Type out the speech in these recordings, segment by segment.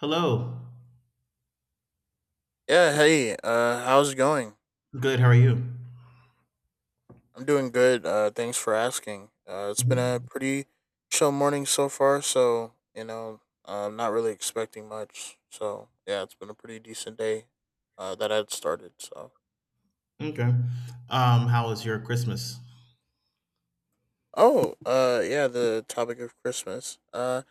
Hello. How's it going? Good. How are you? I'm doing good. Thanks for asking. It's been a Mhm. pretty chill morning so far, so I'm not really expecting much. So yeah, it's been a pretty decent day. That I'd started. So Okay. How was your Christmas? oh, yeah, the topic of Christmas.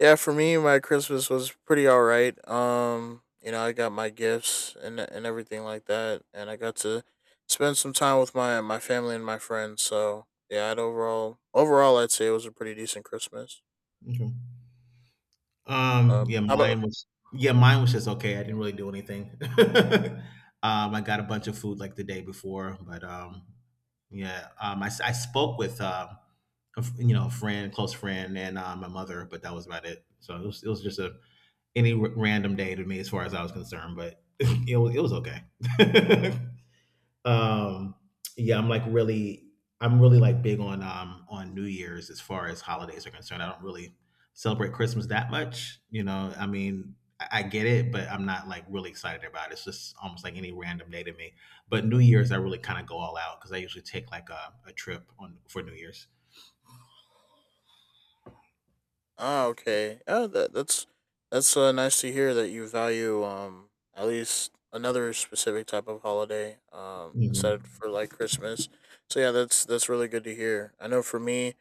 Yeah, for me, my Christmas was pretty all right. You know, I got my gifts and everything like that, and I got to spend some time with my family and my friends. So yeah, I'd overall I'd say it was a pretty decent Christmas. Okay. Um, yeah, How about mine was yeah, Mine was just okay. I didn't really do anything. I got a bunch of food like the day before, but yeah, I spoke with a, f- you know, a friend, close friend, and my mother, but that was about it. So it was just a random day to me as far as I was concerned, but it was okay. Um, yeah, I'm like really, I'm really like big on New Year's as far as holidays are concerned. I don't really celebrate Christmas that much. You know, I mean, I get it, but I'm not like really excited about it. It's just almost like any random day to me. But New Year's, I really kind of go all out because I usually take like a trip on for New Year's. Okay. Yeah, that's that's nice to hear that you value at least another specific type of holiday instead Mhm. for like Christmas. So yeah, that's really good to hear. I know for me,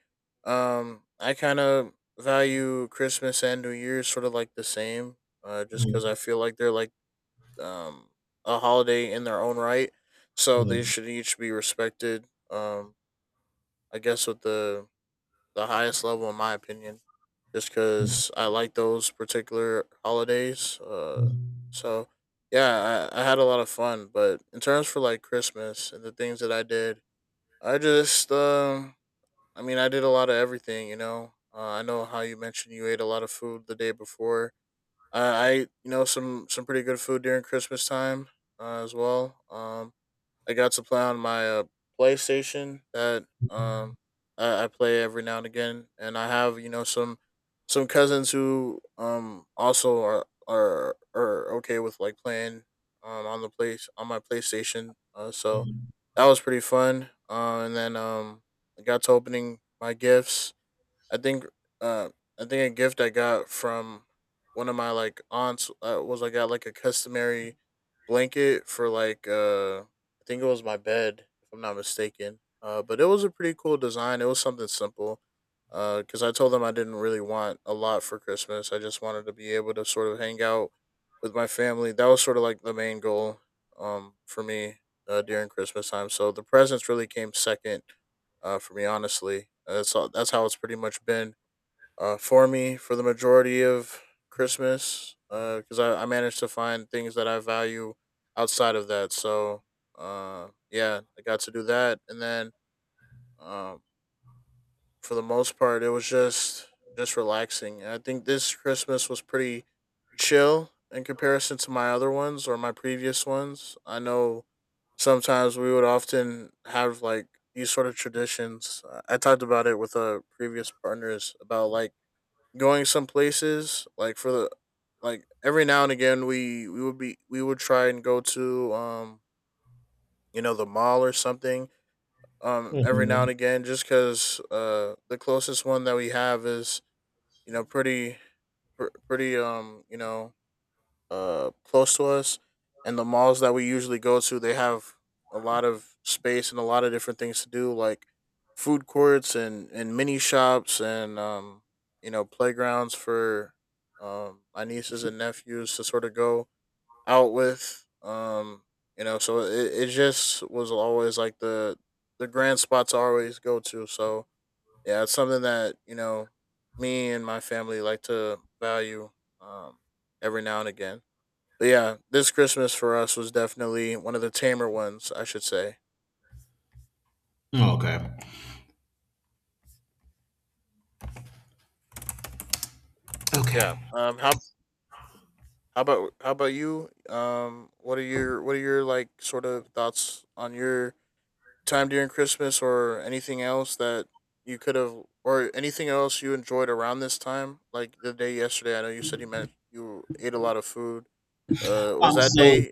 I kind of value Christmas and New Year's sort of like the same, just because I Mhm. feel like they're like um a holiday in their own right, so they Mhm. should each be respected. I guess with the highest level in my opinion just because I like those particular holidays. Uh, Mhm. so yeah, I had a lot of fun. But in terms for like Christmas and the things that I did, I just, um, I mean, I did a lot of everything. You know, I know how you mentioned you ate a lot of food the day before. I ate, you know, some pretty good food during Christmas time as well. I got to play on my PlayStation that I play every now and again, and I have you know some cousins who also are are okay with like playing on the place on my PlayStation. So Mhm. that was pretty fun. And then I got to opening my gifts I think uh I think a gift I got from one of my like aunts was I got like a customary blanket for like I think it was my bed if I'm not mistaken. But it was a pretty cool design. It was something simple. Cuz I told them I didn't really want a lot for Christmas. I just wanted to be able to sort of hang out with my family. That was sort of like the main goal for me during Christmas time. So the presents really came second for me, honestly. That's how it's pretty much been for me for the majority of Christmas because I managed to find things that I value outside of that. So yeah, I got to do that, and then um, for the most part, it was just relaxing. And I think this Christmas was pretty chill in comparison to my other ones or my previous ones. I know sometimes we would often have like these sort of traditions. I talked about it with previous partners about like going some places like for the like every now and again we would be we would try and go to you know the mall or something every now Mhm. and again, just because the closest one that we have is you know pretty pretty you know close to us, and the malls that we usually go to they have a lot of space and a lot of different things to do like food courts and mini shops and you know playgrounds for my nieces and nephews to sort of go out with. You know, so it just was always like the grand spot to always go to. So yeah, it's something that you know me and my family like to value um, every now and again. But yeah, this Christmas for us was definitely one of the tamer ones, I should say. Okay. Yeah. Okay. How about you? What are your like sort of thoughts on your time during Christmas or anything else that you could have, or anything else you enjoyed around this time? Like the day yesterday, I know you said you meant you ate a lot of food. Was that So day?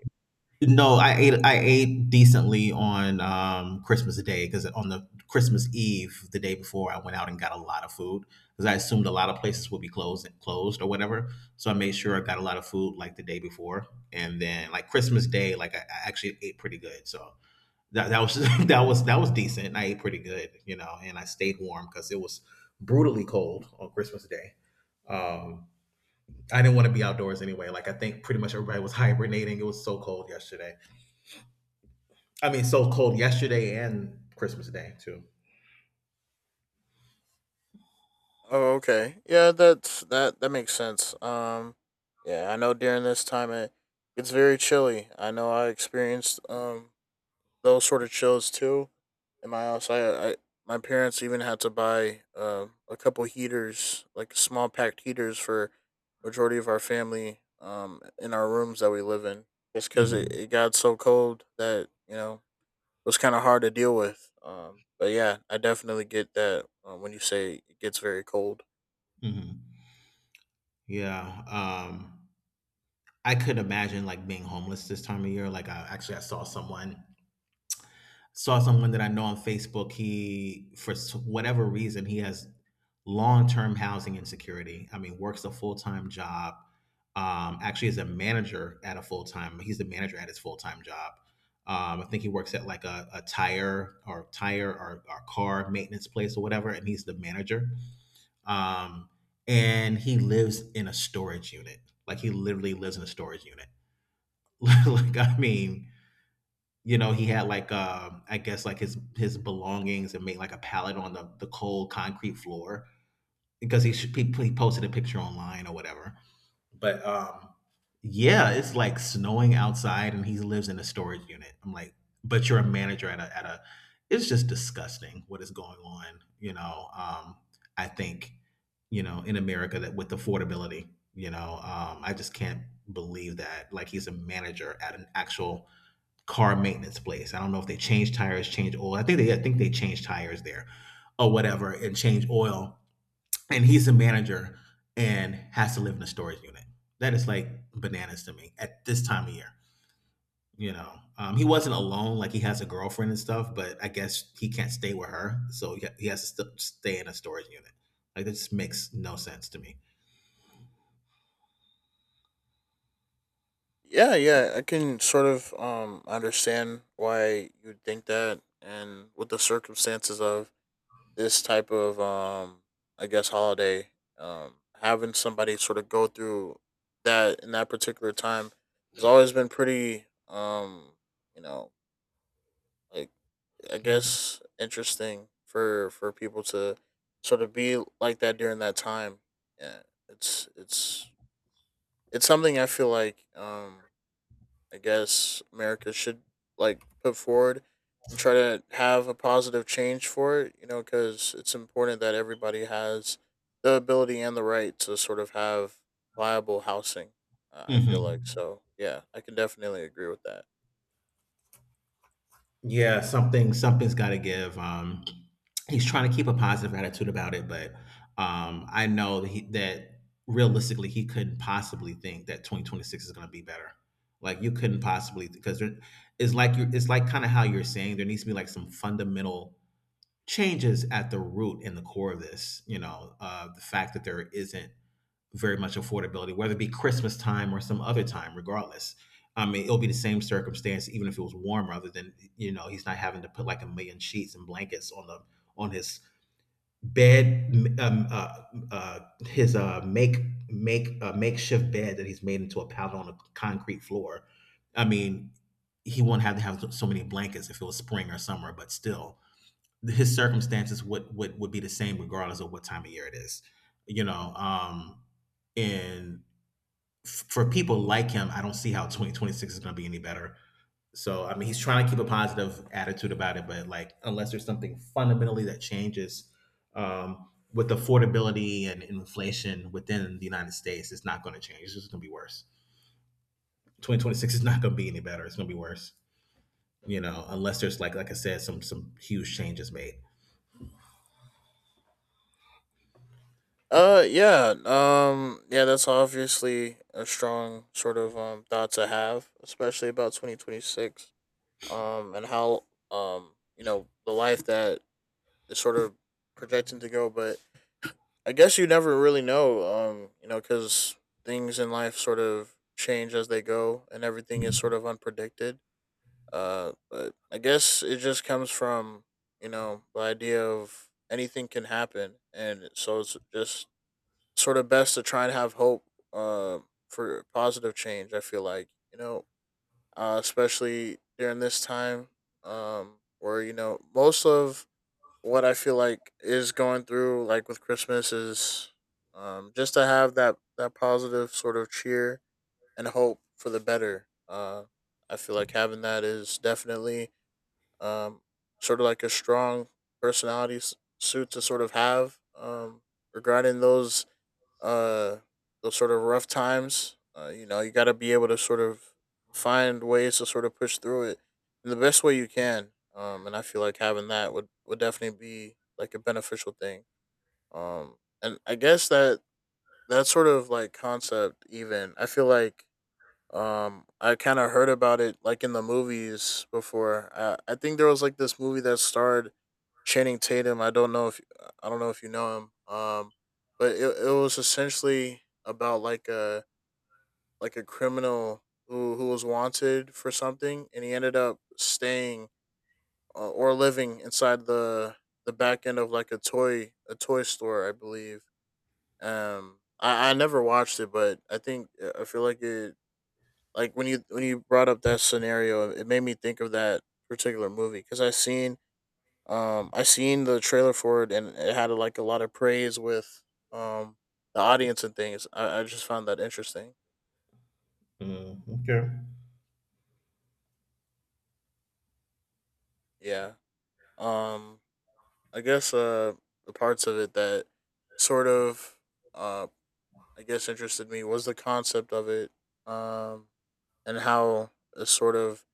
no, I ate decently on Christmas Day, because on the Christmas Eve, the day before, I went out and got a lot of food because I assumed a lot of places would be closed or whatever. So I made sure I got a lot of food like the day before, and then like Christmas Day, like I actually ate pretty good. So that was that was decent. I ate pretty good, you know, and I stayed warm because it was brutally cold on Christmas Day. Um, I didn't want to be outdoors anyway. Like I think pretty much everybody was hibernating. It was so cold yesterday. I mean, so cold yesterday and Christmas Day too. Oh, okay. Yeah, that's that. That makes sense. Yeah, I know during this time it's very chilly. I know I experienced those sort of shows too. In my house, I my parents even had to buy a couple heaters, like small packed heaters, for majority of our family in our rooms that we live in, just because Mm-hmm. it got so cold that you know it was kind of hard to deal with. But yeah, I definitely get that when you say it gets very cold. Mm-hmm. Yeah. I could imagine like being homeless this time of year. Like, I saw someone that I know on Facebook. Whatever reason, he has long term housing insecurity. I mean, works a full time job. Actually, is a manager at a full time. He's the manager at his full time job. I think he works at like a tire or car maintenance place or whatever, and he's the manager. Um, and he lives in a storage unit. Like he literally lives in a storage unit. I mean, you know, he had like I guess like his belongings, and made like a pallet on the cold concrete floor, because he posted a picture online or whatever. But yeah, it's like snowing outside, and he lives in a storage unit. I'm like, but you're a manager at a. It's just disgusting what is going on. You know, I think you know in America that with affordability, you know, I just can't believe that. Like he's a manager at an actual car maintenance place. I don't know if they change tires, change oil. I think they change tires there, or whatever, and change oil, and he's a manager and has to live in a storage unit. That is like bananas to me at this time of year. You know, he wasn't alone. Like he has a girlfriend and stuff, but I guess he can't stay with her, so he has to stay in a storage unit. Like this makes no sense to me. Yeah, yeah, I can sort of understand why you'd think that and with the circumstances of this type of I guess holiday um having somebody sort of go through that in that particular time has always been pretty you know like I guess interesting for people to sort of be like that during that time. Yeah, it's it's it's something I feel like I guess America should like put forward and try to have a positive change for it, you know, because it's important that everybody has the ability and the right to sort of have viable housing. I feel like Hmm. so. Yeah, I can definitely agree with that. Yeah, something's got to give. He's trying to keep a positive attitude about it, but I know that realistically he couldn't possibly think that 2026 is going to be better. Like you couldn't possibly because it's like you it's like kind of how you're saying there needs to be like some fundamental changes at the root and the core of this. You know, the fact that there isn't very much affordability, whether it be Christmas time or some other time, regardless. I mean, it'll be the same circumstance, even if it was warm, rather than, you know, he's not having to put like a million sheets and blankets on on his bed, um, uh, uh, his, uh, make, makeshift bed that he's made into a pallet on a concrete floor. I mean, he won't have to have so many blankets if it was spring or summer, but still, his circumstances would be the same regardless of what time of year it is. You know, um, and for people like him, I don't see how 2026 is going to be any better. So I mean, he's trying to keep a positive attitude about it, but like unless there's something fundamentally that changes with affordability and inflation within the United States, it's not going to change. It's just going to be worse. 2026 is not going to be any better. It's going to be worse. You know, unless there's like I said, some huge changes made. Yeah, that's obviously a strong sort of thought to have, especially about 2026. And how you know the life that is sort of projecting to go, but I guess you never really know, you know, because things in life sort of change as they go, and everything is sort of unpredicted. But I guess it just comes from you know the idea of anything can happen, and so it's just sort of best to try and have hope uh, for positive change. I feel like you know, especially during this time, where you know most of what I feel like is going through like with Christmas is just to have that positive sort of cheer and hope for the better. I feel like having that is definitely um sort of like a strong personality suit to sort of have regarding uh those sort of rough times. You know, you got to be able to sort of find ways to sort of push through it in the best way you can. And I feel like having that would definitely be like a beneficial thing. Um, and I guess that that sort of like concept, even I feel like I kind of heard about it like in the movies before. I think there was like this movie that starred Channing Tatum. I don't know if you know him. But it was essentially about like a criminal who was wanted for something, and he ended up staying or living inside the back end of like a toy store, I believe. I never watched it, but I think I feel like it like when you brought up that scenario, it made me think of that particular movie because I seen the trailer for it, and it had like a lot of praise with um the audience and things. I just found that interesting. Mm, okay. Yeah. Um, I guess the parts of it that sort of uh I guess interested me was the concept of it. Um, and how a sort of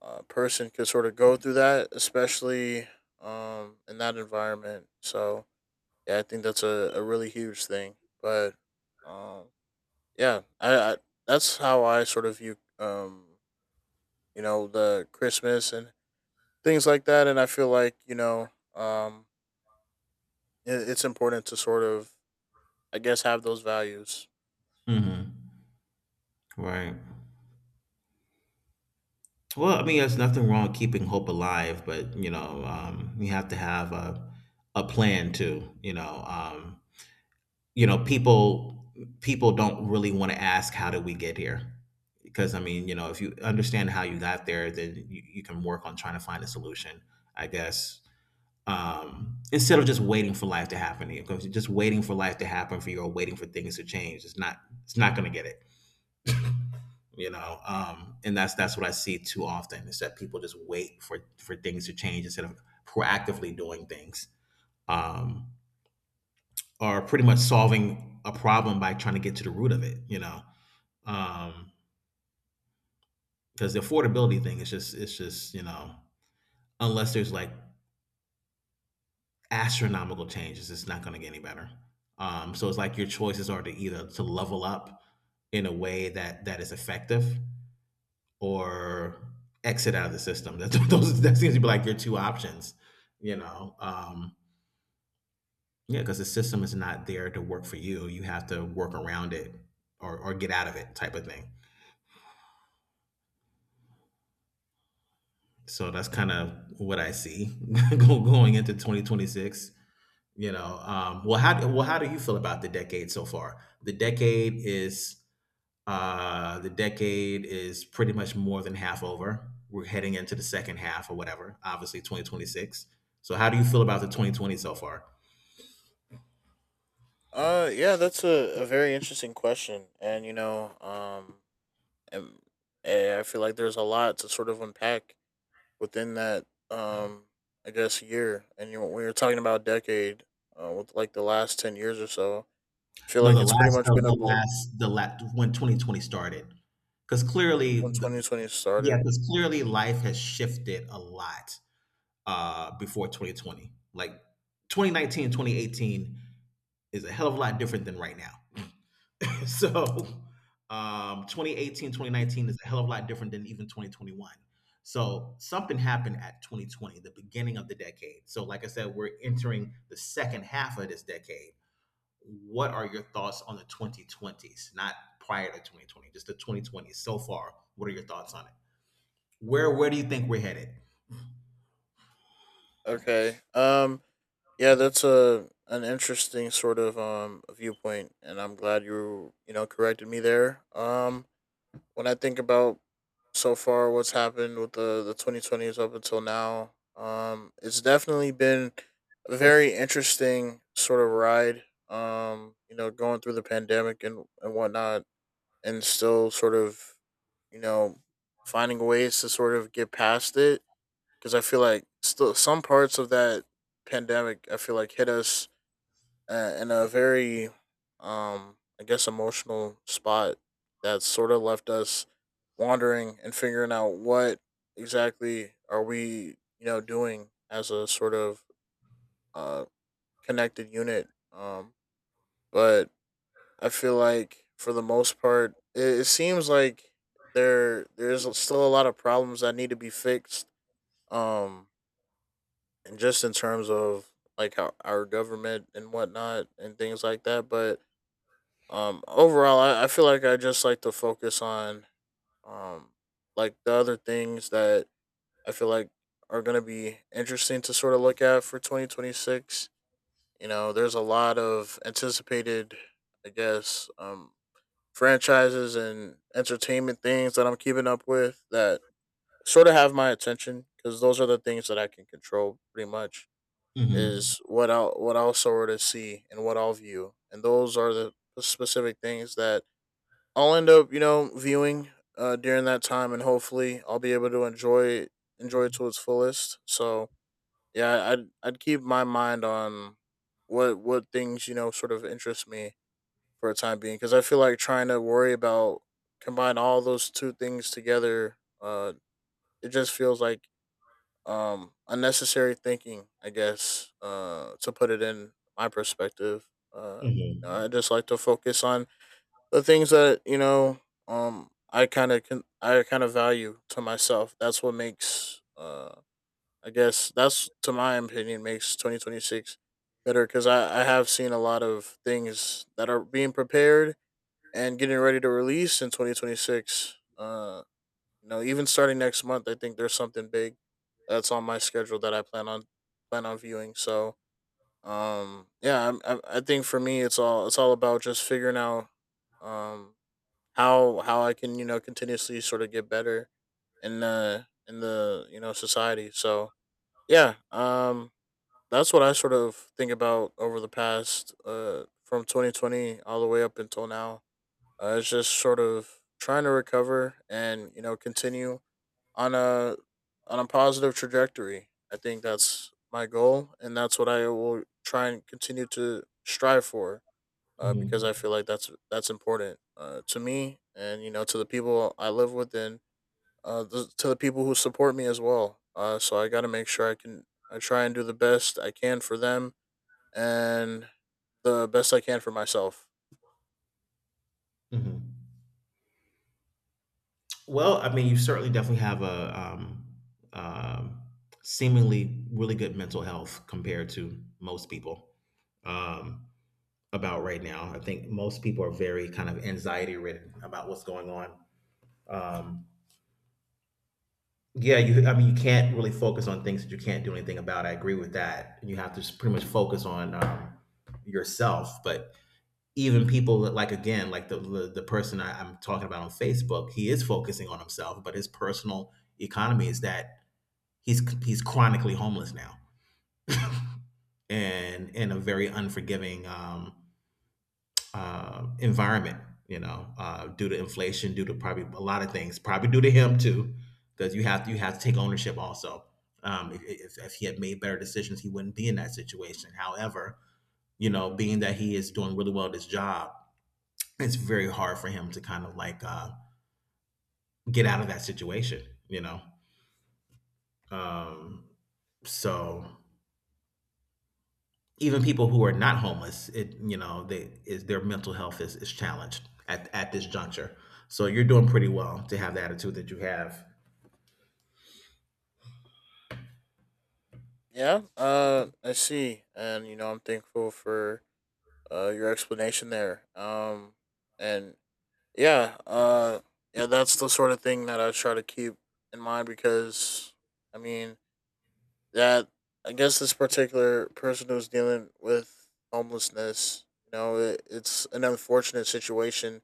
person could sort of go through that, especially in that environment. So yeah, I think that's a really huge thing. But um I that's how I sort of view you know the Christmas and things like that and I feel like you know it's important to sort of I guess have those values Mhm. Right. Well, I mean, there's nothing wrong with keeping hope alive, but you know, you have to have a plan too. You know, people don't really want to ask how did we get here, because I mean, you know, if you understand how you got there, then you can work on trying to find a solution. I guess instead of just waiting for life to happen to you, because just waiting for life to happen for you or waiting for things to change, it's not going to get it. You know, um, and that's what I see too often, is that people just wait for things to change instead of proactively doing things, um, or pretty much solving a problem by trying to get to the root of it, you know. Um, because the affordability thing is just it's just you know, unless there's like astronomical changes, it's not going to get any better. Um, so it's like your choices are to either to level up in a way that is effective, or exit out of the system. That's those that seems to be like your two options, you know. Yeah, because the system is not there to work for you. You have to work around it, or get out of it, type of thing. So that's kind of what I see going into 2026. You know, how do you feel about the decade so far? The decade is the decade is pretty much more than half over. We're heading into the second half or whatever, obviously 2026. So, how do you feel about the 2020 so far? Yeah that's a very interesting question and you know and, I feel like there's a lot to sort of unpack within that um I guess year and you when you're talking about decade with like the last 10 years or so I feel No, like the it's pretty last much of been a the last when 2020 started, because clearly, when 2020 yeah, started. because clearly life has shifted a lot before 2020. Like 2019, 2018 is a hell of a lot different than right now. So 2018, 2019 is a hell of a lot different than even 2021. So something happened at 2020, the beginning of the decade. So like I said, we're entering the second half of this decade. What are your thoughts on the 2020s? Not prior to 2020, just the 2020s. So far, what are your thoughts on it? Where do you think we're headed? Okay. Yeah, that's a an interesting sort of viewpoint, and I'm glad you you know corrected me there. When I think about so far what's happened with the 2020s up until now, it's definitely been a very interesting sort of ride. You know, going through the pandemic and whatnot, and still sort of, you know, finding ways to sort of get past it because I feel like still some parts of that pandemic I feel like hit us in a very I guess emotional spot that sort of left us wandering and figuring out what exactly are we doing as a sort of uh connected unit, but I feel like for the most part it seems like there's still a lot of problems that need to be fixed, um and just in terms of like our government and whatnot and things like that. But overall, I feel like I just like to focus on, um, like the other things that I feel like are going to be interesting to sort of look at for 2026. You know, there's a lot of anticipated, I guess, franchises and entertainment things that I'm keeping up with that sort of have my attention because those are the things that I can control pretty much Hmm. is what I'll sort of see and what I'll view, and those are the specific things that I'll end up viewing during that time, and hopefully I'll be able to enjoy it to its fullest. So yeah, I'd keep my mind on what things sort of interest me for a time being, because I feel like trying to worry about combine all those two things together. It just feels like unnecessary thinking, I guess, to put it in my perspective. uh I Hmm. just like to focus on the things that I kind of can, I kind of value to myself. That's what makes, I guess that's to my opinion, makes 2026 better because I have seen a lot of things that are being prepared and getting ready to release in 2026. You know, even starting next month, I think there's something big that's on my schedule that I plan on plan on viewing. So, yeah, I think for me, it's all about just figuring out, um, how I can, continuously sort of get better in the society. So yeah, that's what I sort of think about over the past, from 2020 all the way up until now. It's just sort of trying to recover and continue on a on a positive trajectory. I think that's my goal, and that's what I will try and continue to strive for. Because Hmm. I feel like that's important, to me, and you know, to the people I live with, and to the people who support me as well. So I got to make sure I can, I try and do the best I can for them, and the best I can for myself. Hmm. Well, I mean, you certainly definitely have a um, seemingly really good mental health compared to most people um, about right now. I think most people are very kind of anxiety ridden about what's going on. Um, yeah, you. I mean, you can't really focus on things that you can't do anything about. I agree with that. You have to just pretty much focus on yourself. But even people that, like again, like the person I'm talking about on Facebook, he is focusing on himself, but his personal economy is that he's chronically homeless now, and in a very unforgiving environment. You know, due to inflation, due to probably a lot of things, probably due to him too, because you have to take ownership also. If he had made better decisions, he wouldn't be in that situation. However, you know, being that he is doing really well at his job, it's very hard for him to kind of like get out of that situation. You know, um, so even people who are not homeless, it you know, they is their mental health is challenged at this juncture. So you're doing pretty well to have the attitude that you have. Yeah, I see, and you know, I'm thankful for your explanation there. And Yeah, uh, yeah, that's the sort of thing that I try to keep in mind because I mean that I guess this particular person who's dealing with homelessness, you know, it's an unfortunate situation,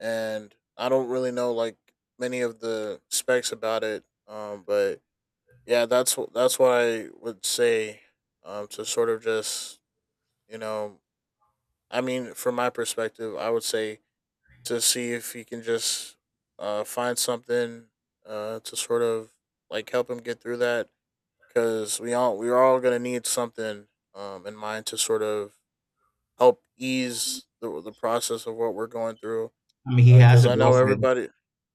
and I don't really know like many of the specs about it. But yeah, that's what I would say. To sort of just, you know, I mean, from my perspective, I would say to see if he can just find something to sort of like help him get through that because we're all gonna need something, in mind to sort of help ease the process of what we're going through I mean, he has because a I know girlfriend. everybody.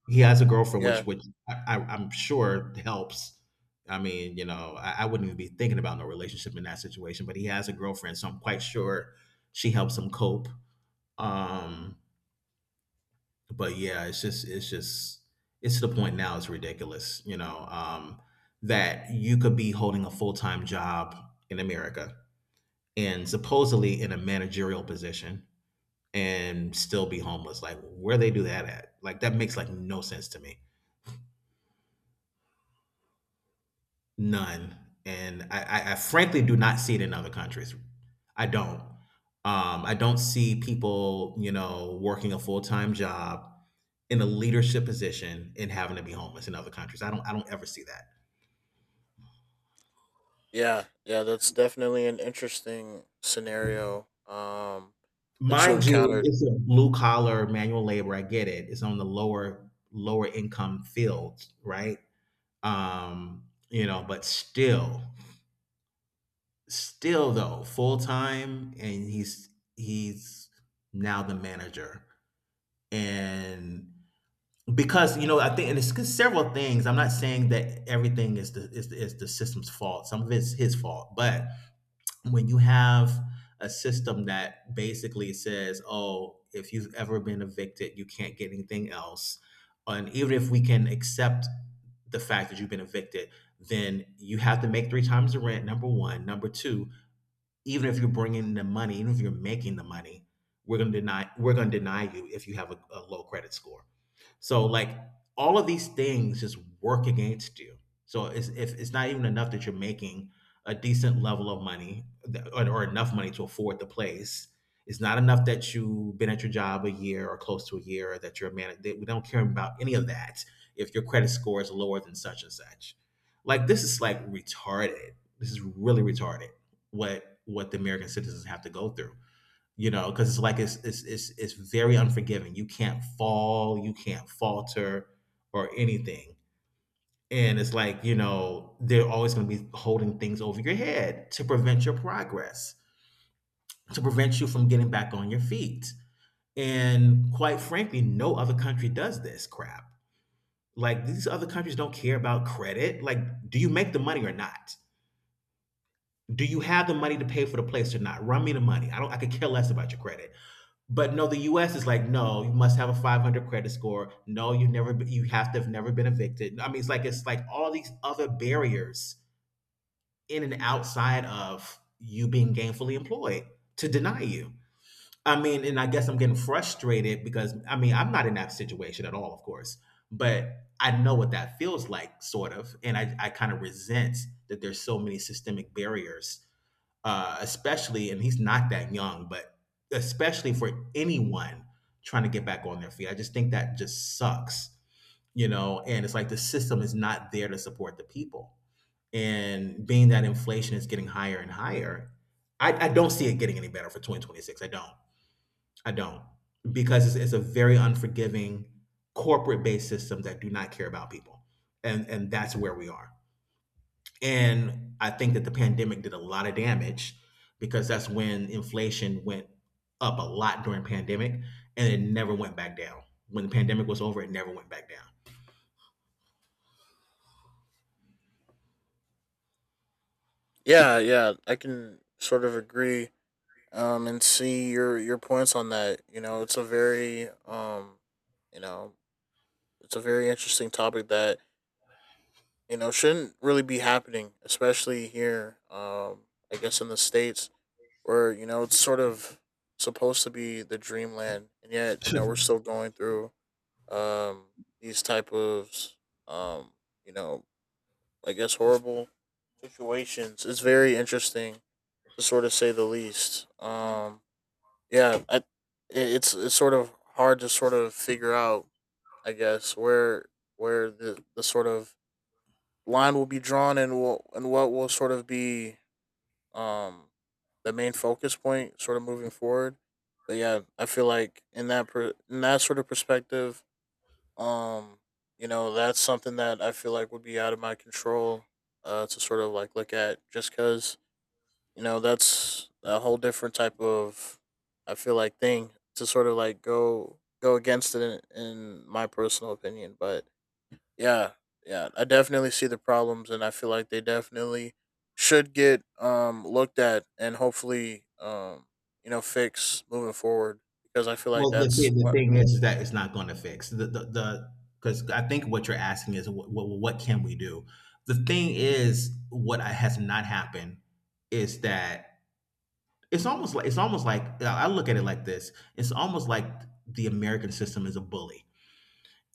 He has a girlfriend, Yeah, which I'm sure helps. I mean, you know, I wouldn't even be thinking about no relationship in that situation. But he has a girlfriend, so I'm quite sure she helps him cope. Um, but yeah, it's just it's to the point now it's ridiculous, you know, that you could be holding a full time job in America and supposedly in a managerial position and still be homeless. Like where they do that at? Like that makes like no sense to me. None. And I frankly do not see it in other countries. I don't. I don't see people, you know, working a full time job in a leadership position and having to be homeless in other countries. I don't ever see that. yeah, yeah, that's definitely an interesting scenario, that you Mind you, encountered. it's a blue collar manual labor. I get it. It's on the lower income fields, right? You know, but still, still though, full time, and he's now the manager. And because you know I think, and it's several things, I'm not saying that everything is the system's fault, some of it's his fault, but when you have a system that basically says, oh, if you've ever been evicted you can't get anything else, and even if we can accept the fact that you've been evicted, then you have to make three times the rent. Number one. Number two, even if you're bringing the money, even if you're making the money, we're gonna deny you if you have a low credit score. So like all of these things just work against you. So it's if it's not even enough that you're making a decent level of money or enough money to afford the place. It's not enough that you've been at your job a year or close to a year, or that you're a man. We don't care about any of that if your credit score is lower than such and such. Like this is like retarded. This is really retarded what the American citizens have to go through. You know, because it's like it's very unforgiving. You can't fall, you can't falter, or anything. And it's like, you know, they're always going to be holding things over your head to prevent your progress, to prevent you from getting back on your feet. And quite frankly, no other country does this crap. Like these other countries don't care about credit. Like, do you make the money or not? Do you have the money to pay for the place or not? Run me the money. I don't. I could care less about your credit. But no, the U.S. is like, no, you must have a 500 credit score. No, you never, you have to have never been evicted. I mean, it's like all these other barriers in and outside of you being gainfully employed to deny you. I mean, and I guess I'm getting frustrated because I mean, I'm not in that situation at all, of course, but I know what that feels like, sort of, and I kind of resent that there's so many systemic barriers, especially, and he's not that young, but especially for anyone trying to get back on their feet. I just think that just sucks, you know, and it's like the system is not there to support the people. And being that inflation is getting higher and higher, I don't see it getting any better for 2026. I don't. I don't. Because it's a very unforgiving corporate based system that do not care about people. And that's where we are. And I think that the pandemic did a lot of damage because that's when inflation went up a lot during pandemic and it never went back down. When the pandemic was over, it never went back down. Yeah, yeah, I can sort of agree, and see your points on that. You know, it's a very, you know, it's a very interesting topic that you know shouldn't really be happening, especially here. I guess in the States where you know it's sort of supposed to be the dreamland, and yet you know we're still going through um these type of um you know, I guess, horrible situations. It's very interesting to sort of say the least. Yeah, I, i- it's sort of hard to sort of figure out, I guess, where where the sort of line will be drawn and what will sort of be um the main focus point sort of moving forward. But yeah, I feel like in in that sort of perspective, um, you know, that's something that I feel like would be out of my control, to sort of like look at just because you know, that's a whole different type of, I feel like, thing to sort of like go against it in my personal opinion. But yeah, yeah, I definitely see the problems and I feel like they definitely should get looked at and hopefully you know fix moving forward because I feel like Well, the that's thing, the what. thing is that it's not going to fix the because I think what you're asking is what can we do? The thing is, what has not happened is that it's almost like I look at it like this. It's almost like the American system is a bully.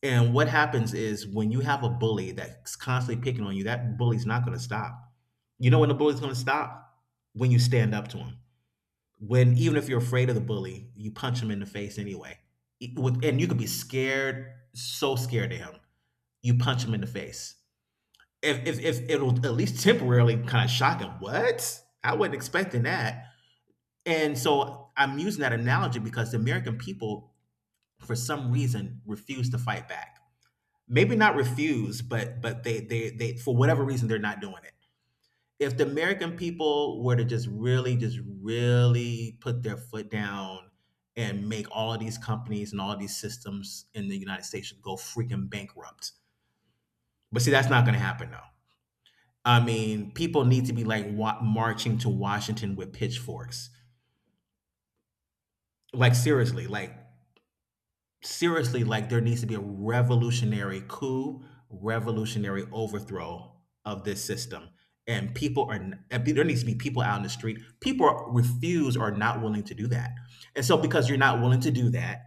And what happens is when you have a bully that's constantly picking on you, that bully's not going to stop. You know when the bully's going to stop? When you stand up to him. When even if you're afraid of the bully, you punch him in the face anyway. And you could be scared, so scared of him. You punch him in the face. If it'll at least temporarily kind of shock him. What? I wasn't expecting that. And so I'm using that analogy because the American people, for some reason, refuse to fight back, maybe not refuse, but they for whatever reason they're not doing it. If the American people were to just really put their foot down and make all of these companies and all of these systems in the United States go freaking bankrupt, but see that's not going to happen though. I mean, people need to be like marching to Washington with pitchforks. Like seriously, like seriously, like there needs to be a revolutionary coup, revolutionary overthrow of this system. And and there needs to be people out in the street. People are, refuse or not willing to do that. And so because you're not willing to do that,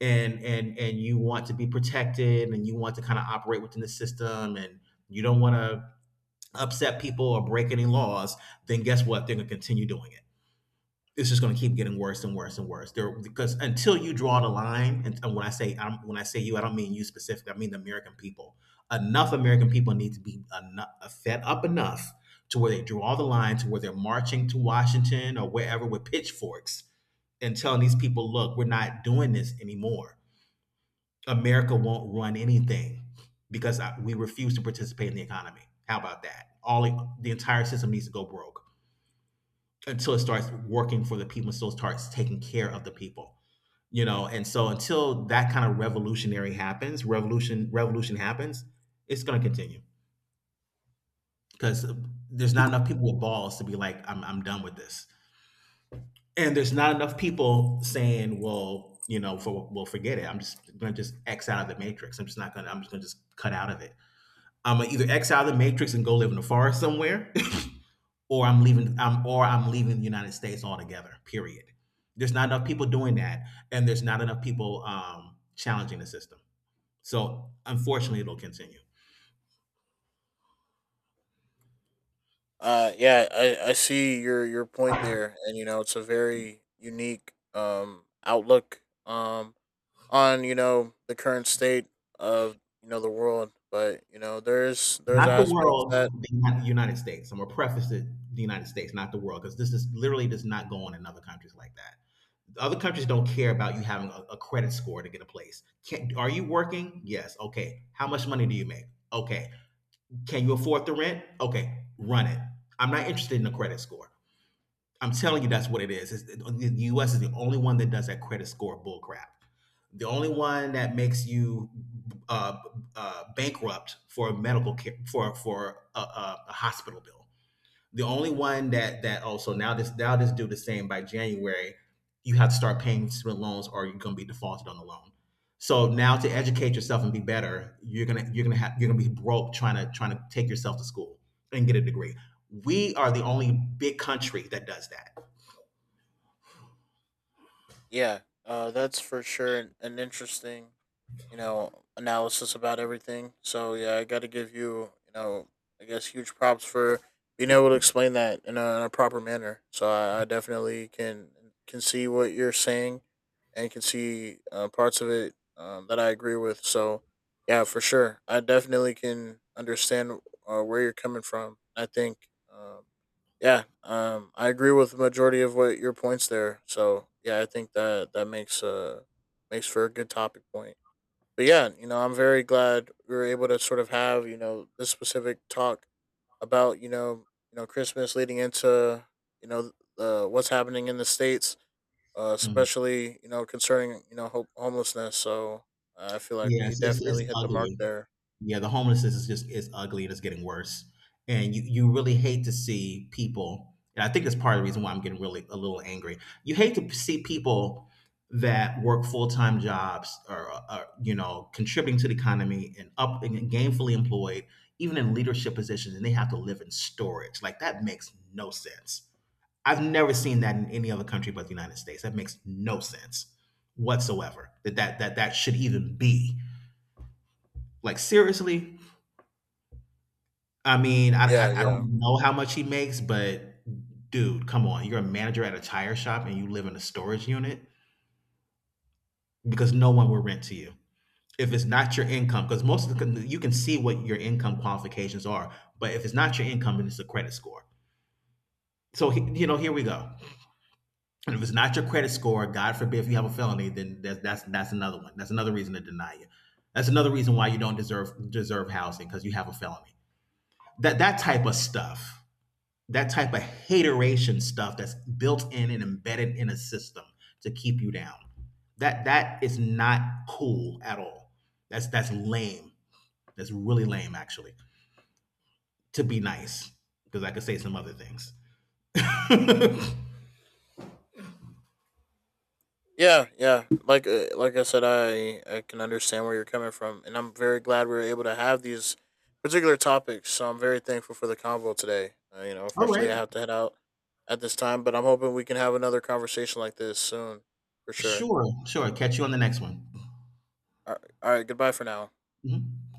and and you want to be protected and you want to kind of operate within the system, and you don't want to upset people or break any laws, then guess what? They're going to continue doing it. It's just going to keep getting worse and worse and worse. There, because until you draw the line, and when I say I'm, when I say you, I don't mean you specifically. I mean the American people. Enough American people need to be enough, fed up enough to where they draw the line, to where they're marching to Washington or wherever with pitchforks and telling these people, look, we're not doing this anymore. America won't run anything because we refuse to participate in the economy. How about that? All the entire system needs to go broke until it starts working for the people, until it starts taking care of the people. You know, and so until that kind of revolutionary happens, revolution happens, it's going to continue because there's not enough people with balls to be like, I'm done with this, and there's not enough people saying, well, you know, well, forget it. I'm just going to just X out of the matrix. I'm just not going to. I'm just going to just cut out of it. I'm gonna either X out of the matrix and go live in the forest somewhere, or I'm leaving the United States altogether. Period. There's not enough people doing that, and there's not enough people challenging the system. So unfortunately, it'll continue. Yeah, I see your point there and you know it's a very unique outlook on you know the current state of you know the world but you know there's Not the aspects world, that. the United States. I'm gonna preface it: the United States, not the world, because this is literally does not go on in other countries like that. Other countries don't care about you having a credit score to get a place. Can, are you working? Yes. Okay. How much money do you make? Okay. Can you afford the rent? Okay. Run it. I'm not interested in a credit score. I'm telling you, that's what it is. It's, the U.S. is the only one that does that credit score bullcrap. The only one that makes you uh, bankrupt for a medical care, for a hospital bill. The only one that that also now this do the same by January. You have to start paying student loans, or you're going to be defaulted on the loan. So now to educate yourself and be better, you're gonna be broke trying to trying to take yourself to school and get a degree. We are the only big country that does that. Yeah, that's for sure an interesting, you know, analysis about everything. So yeah, I got to give you, you know, I guess huge props for being able to explain that in a proper manner. So I definitely can see what you're saying, and can see parts of it, that I agree with. So yeah, for sure, I definitely can understand where you're coming from. I think, um, yeah, I agree with the majority of what your points there. So yeah, I think that that makes makes for a good topic point. But yeah, you know, I'm very glad we were able to sort of have you know this specific talk about you know Christmas leading into, you know, what's happening in the States, Mm. especially you know concerning homelessness. So I feel like Yeah, we it's definitely hit the mark ugly. there. Yeah, the homelessness is just is ugly and it's getting worse. And you really hate to see people. And I think that's part of the reason why I'm getting really a little angry. You hate to see people that work full time jobs or you know contributing to the economy and up and gainfully employed, even in leadership positions, and they have to live in storage. Like that makes no sense. I've never seen that in any other country but the United States. That makes no sense whatsoever that that should even be. Like seriously? I mean, I, Yeah, I I yeah. don't know how much he makes, but dude, come on. You're a manager at a tire shop and you live in a storage unit because no one will rent to you if it's not your income. Because most of the you can see what your income qualifications are, but if it's not your income, then it's a credit score. So he, you know, here we go. And if it's not your credit score, God forbid if you have a felony, then that's another one. That's another reason to deny you. That's another reason why you don't deserve housing because you have a felony. That type of stuff, that type of hateration stuff that's built in and embedded in a system to keep you down. That is not cool at all. That's lame. That's really lame actually. To be nice, because I could say some other things. all Yeah, yeah. Like I said, I can understand where you're coming from, and I'm very glad we were able to have these particular topics. So I'm very thankful for the convo today. You know, right, unfortunately, I have to head out at this time, but I'm hoping we can have another conversation like this soon, for sure. sure, sure. Catch you on the next one. All right, all right, goodbye for now. Mhm.